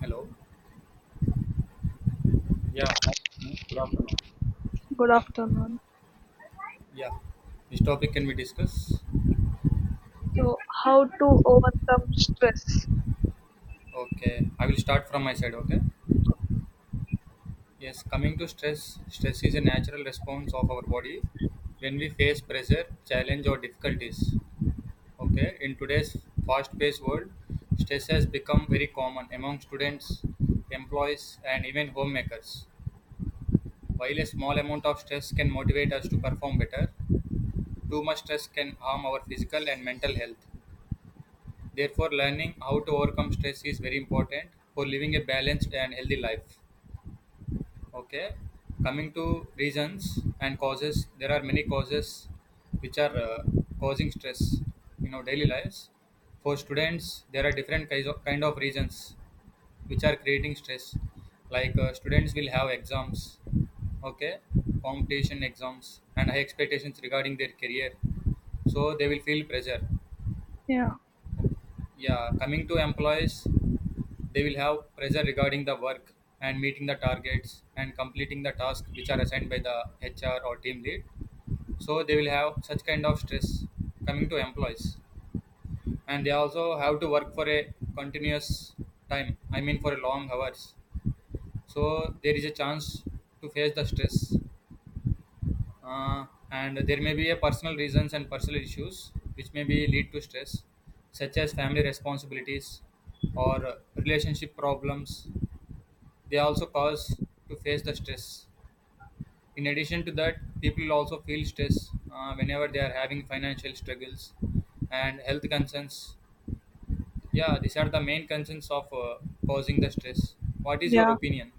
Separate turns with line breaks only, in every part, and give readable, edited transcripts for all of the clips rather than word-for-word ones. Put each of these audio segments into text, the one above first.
Hello. Yeah,
Good afternoon.
Yeah. This topic can we discuss?
So, how to overcome stress?
Okay. I will start from my side. Okay. Yes. Coming to stress, stress is a natural response of our body when we face pressure, challenge, or difficulties. Okay. In today's fast-paced world, stress has become very common among students, employees, and even homemakers. While a small amount of stress can motivate us to perform better, too much stress can harm our physical and mental health. Therefore, learning how to overcome stress is very important for living a balanced and healthy life. Okay, coming to reasons and causes, there are many causes which are causing stress in our daily lives. For students, there are different kind of reasons which are creating stress. Like students will have exams, okay, competition exams, and high expectations regarding their career, so they will feel pressure.
Yeah,
Yeah, coming to employees, they will have pressure regarding the work and meeting the targets and completing the tasks which are assigned by the HR or team lead. So they will have such kind of stress coming to employees. And they also have to work for a continuous time, I mean for a long hours. So there is a chance to face the stress. Uh, and there may be a personal reasons and personal issues which may be lead to stress, such as family responsibilities or relationship problems. They also cause to face the stress. In addition to that, people also feel stress whenever they are having financial struggles and health concerns. Yeah, these are the main concerns of causing the stress. What is your
yeah,
opinion?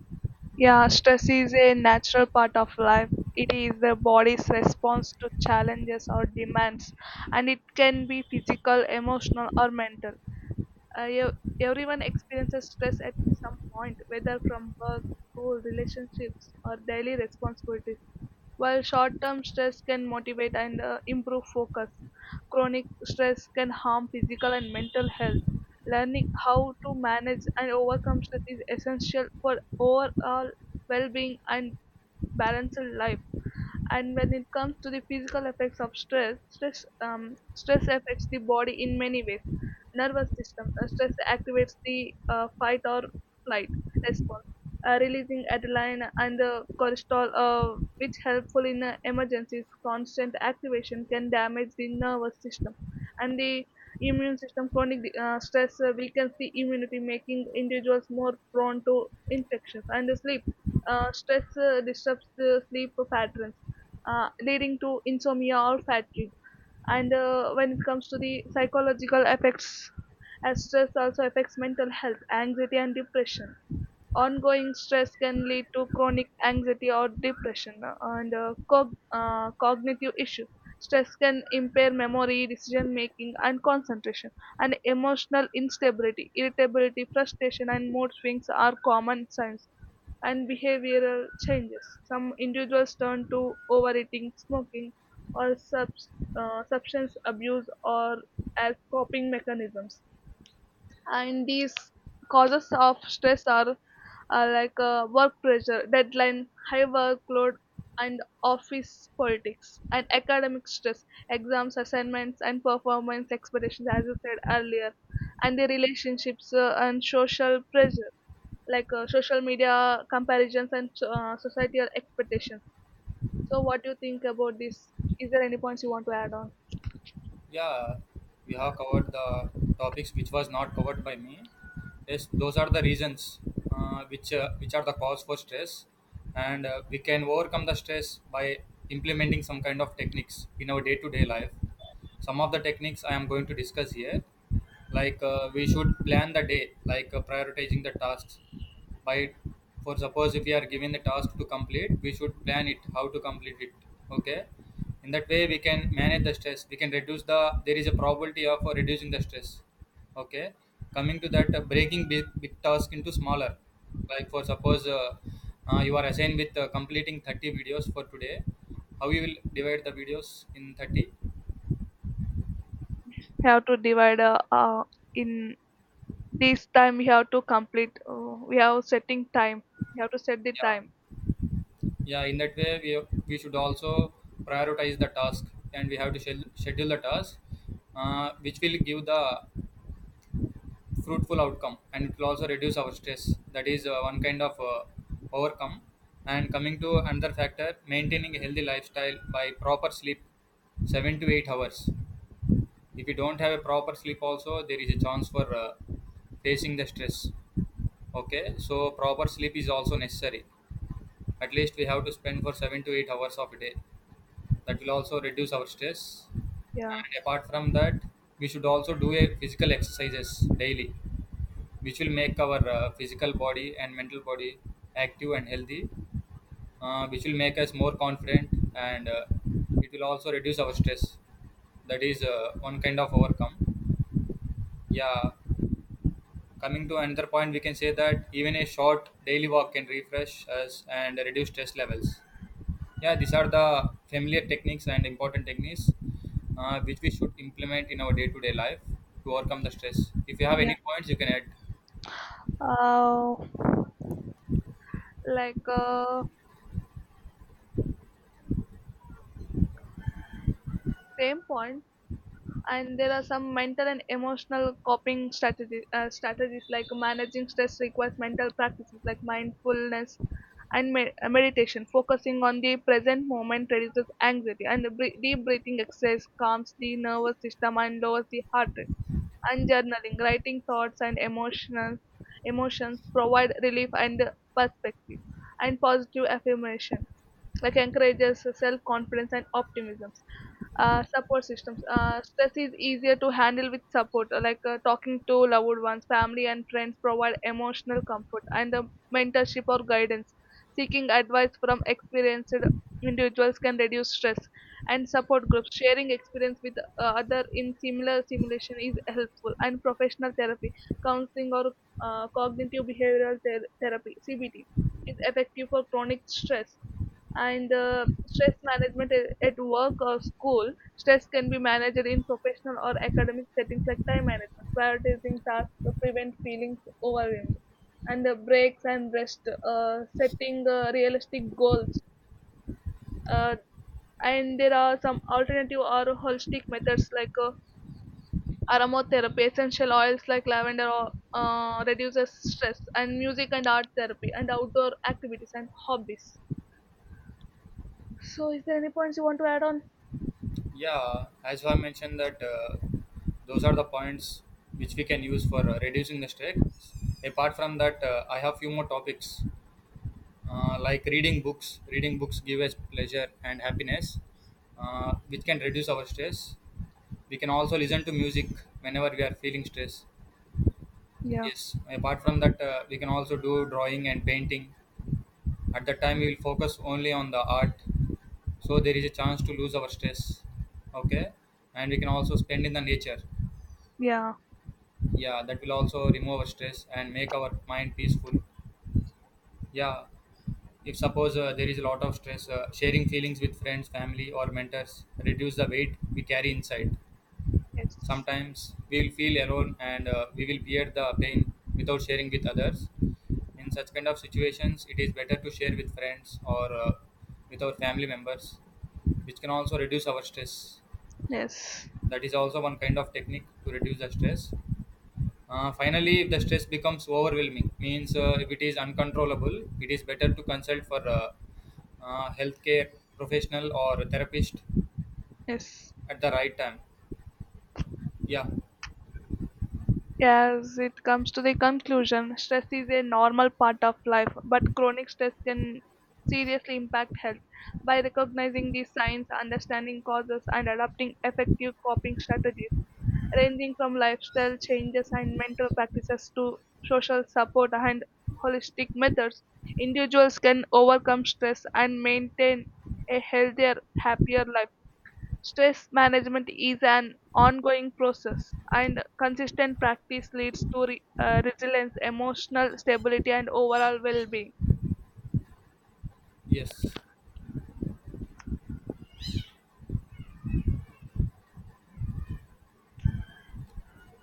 yeah. Stress is a natural part of life. It is the body's response to challenges or demands, and it can be physical, emotional, or mental. Uh, ev- Everyone experiences stress at some point, whether from work, school, relationships, or daily responsibilities. While short term stress can motivate and improve focus, chronic stress can harm physical and mental health. Learning how to manage and overcome stress is essential for overall well being and balanced life. And when it comes to the physical effects of stress, stress affects the body in many ways. Nervous system: stress activates the fight or flight response, releasing adrenaline and the cortisol, which helpful in emergencies. Constant activation can damage the nervous system and the immune system. Chronic stress weakens the immunity, making individuals more prone to infections. And the sleep, stress disrupts the sleep patterns, leading to insomnia or fatigue. And when it comes to the psychological effects, as stress also affects mental health, anxiety and depression, ongoing stress can lead to chronic anxiety or depression, and cognitive issues. Stress can impair memory, decision making, and concentration, and emotional instability, irritability, frustration, and mood swings are common signs. And behavioral changes: some individuals turn to overeating, smoking, or substance abuse or as coping mechanisms. And these causes of stress are like work pressure, deadline, high workload, and office politics, and academic stress, exams, assignments, and performance expectations, as you said earlier, and the relationships and social pressure, like social media comparisons and societal expectations. So, what do you think about this? Is there any points you want to add on?
Yeah, we have covered the topics which was not covered by me. Yes, those are the reasons which are the cause for stress, and we can overcome the stress by implementing some kind of techniques in our day to day life. Some of the techniques I am going to discuss here, like we should plan the day, like prioritizing the tasks by, for suppose if we are given the task to complete, we should plan it how to complete it. Okay, in that way we can manage the stress, we can reduce the, there is a probability of reducing the stress. Okay, coming to that, breaking big task into smaller, like for suppose you are assigned with completing 30 videos for today. How you will divide the videos in 30?
Have to divide in this time. We have to complete. We have setting time. We have to set the
Yeah,
time.
yeah, in that way we should also prioritize the task, and we have to schedule the task, which will give the fruitful outcome, and it will also reduce our stress. That is one kind of overcome. And coming to another factor, maintaining a healthy lifestyle by proper sleep, 7 to 8 hours. If you don't have a proper sleep also, there is a chance for facing the stress. Okay, so proper sleep is also necessary. At least we have to spend for 7 to 8 hours of a day. That will also reduce our stress,
Yeah.
and apart from that we should also do a physical exercises daily, which will make our physical body and mental body active and healthy, which will make us more confident, and it will also reduce our stress. That is one kind of overcome. Yeah, coming to another point, we can say that even a short daily walk can refresh us and reduce stress levels. Yeah, these are the familiar techniques and important techniques which we should implement in our day to day life to overcome the stress. If you have
Yeah.
any points, you can add.
Uh, like same point. And there are some mental and emotional coping strategies. Strategies like managing stress requires mental practices like mindfulness and meditation, focusing on the present moment reduces anxiety, and the deep breathing exercise calms the nervous system and lowers the heart rate. And journaling, writing thoughts and emotional emotions, provide relief and perspective, and positive affirmations like encourages self confidence and optimism. Support systems. Stress is easier to handle with support, like talking to loved ones, family, and friends, provide emotional comfort and mentorship or guidance. Seeking advice from experienced individuals can reduce stress, and support groups sharing experience with other in similar simulation is helpful, and professional therapy, counseling, or cognitive behavioral therapy, cbt, is effective for chronic stress. And stress management at work or school, stress can be managed in professional or academic settings like time management, prioritizing tasks to prevent feelings overwhelmed, and the breaks and rest, setting realistic goals, uh, and there are some alternative or holistic methods like aromatherapy, essential oils like lavender or, reduces stress, and music and art therapy and outdoor activities and hobbies. So is there any points you want to add on?
Yeah, as I mentioned, that those are the points which we can use for reducing the stress. Apart from that, I have few more topics like reading books. Reading books give us pleasure and happiness, which can reduce our stress. We can also listen to music whenever we are feeling stress.
Yeah.
Yes. Apart from that, we can also do drawing and painting. At that time, we will focus only on the art, so there is a chance to lose our stress. Okay, and we can also spend in the nature.
Yeah.
Yeah, that will also remove our stress and make our mind peaceful. Yeah, if suppose there is a lot of stress, sharing feelings with friends, family, or mentors reduce the weight we carry inside.
Yes.
Sometimes we will feel alone, and we will bear the pain without sharing with others. In such kind of situations, it is better to share with friends or with our family members, which can also reduce our stress.
Yes.
That is also one kind of technique to reduce the stress. Finally, if the stress becomes overwhelming, means if it is uncontrollable, it is better to consult for healthcare professional or a therapist
Yes.
at the right time. Yeah.
As it comes to the conclusion, stress is a normal part of life, but chronic stress can seriously impact health. By recognizing these signs, understanding causes, and adopting effective coping strategies, ranging from lifestyle changes and mental practices to social support and holistic methods, individuals can overcome stress and maintain a healthier, happier life. Stress management is an ongoing process, and consistent practice leads to resilience, emotional stability, and overall well being.
Yes.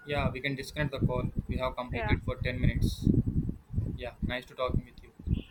Yeah, we can disconnect the call. We have
Yeah.
completed for 10 minutes. Yeah, nice to talking with you.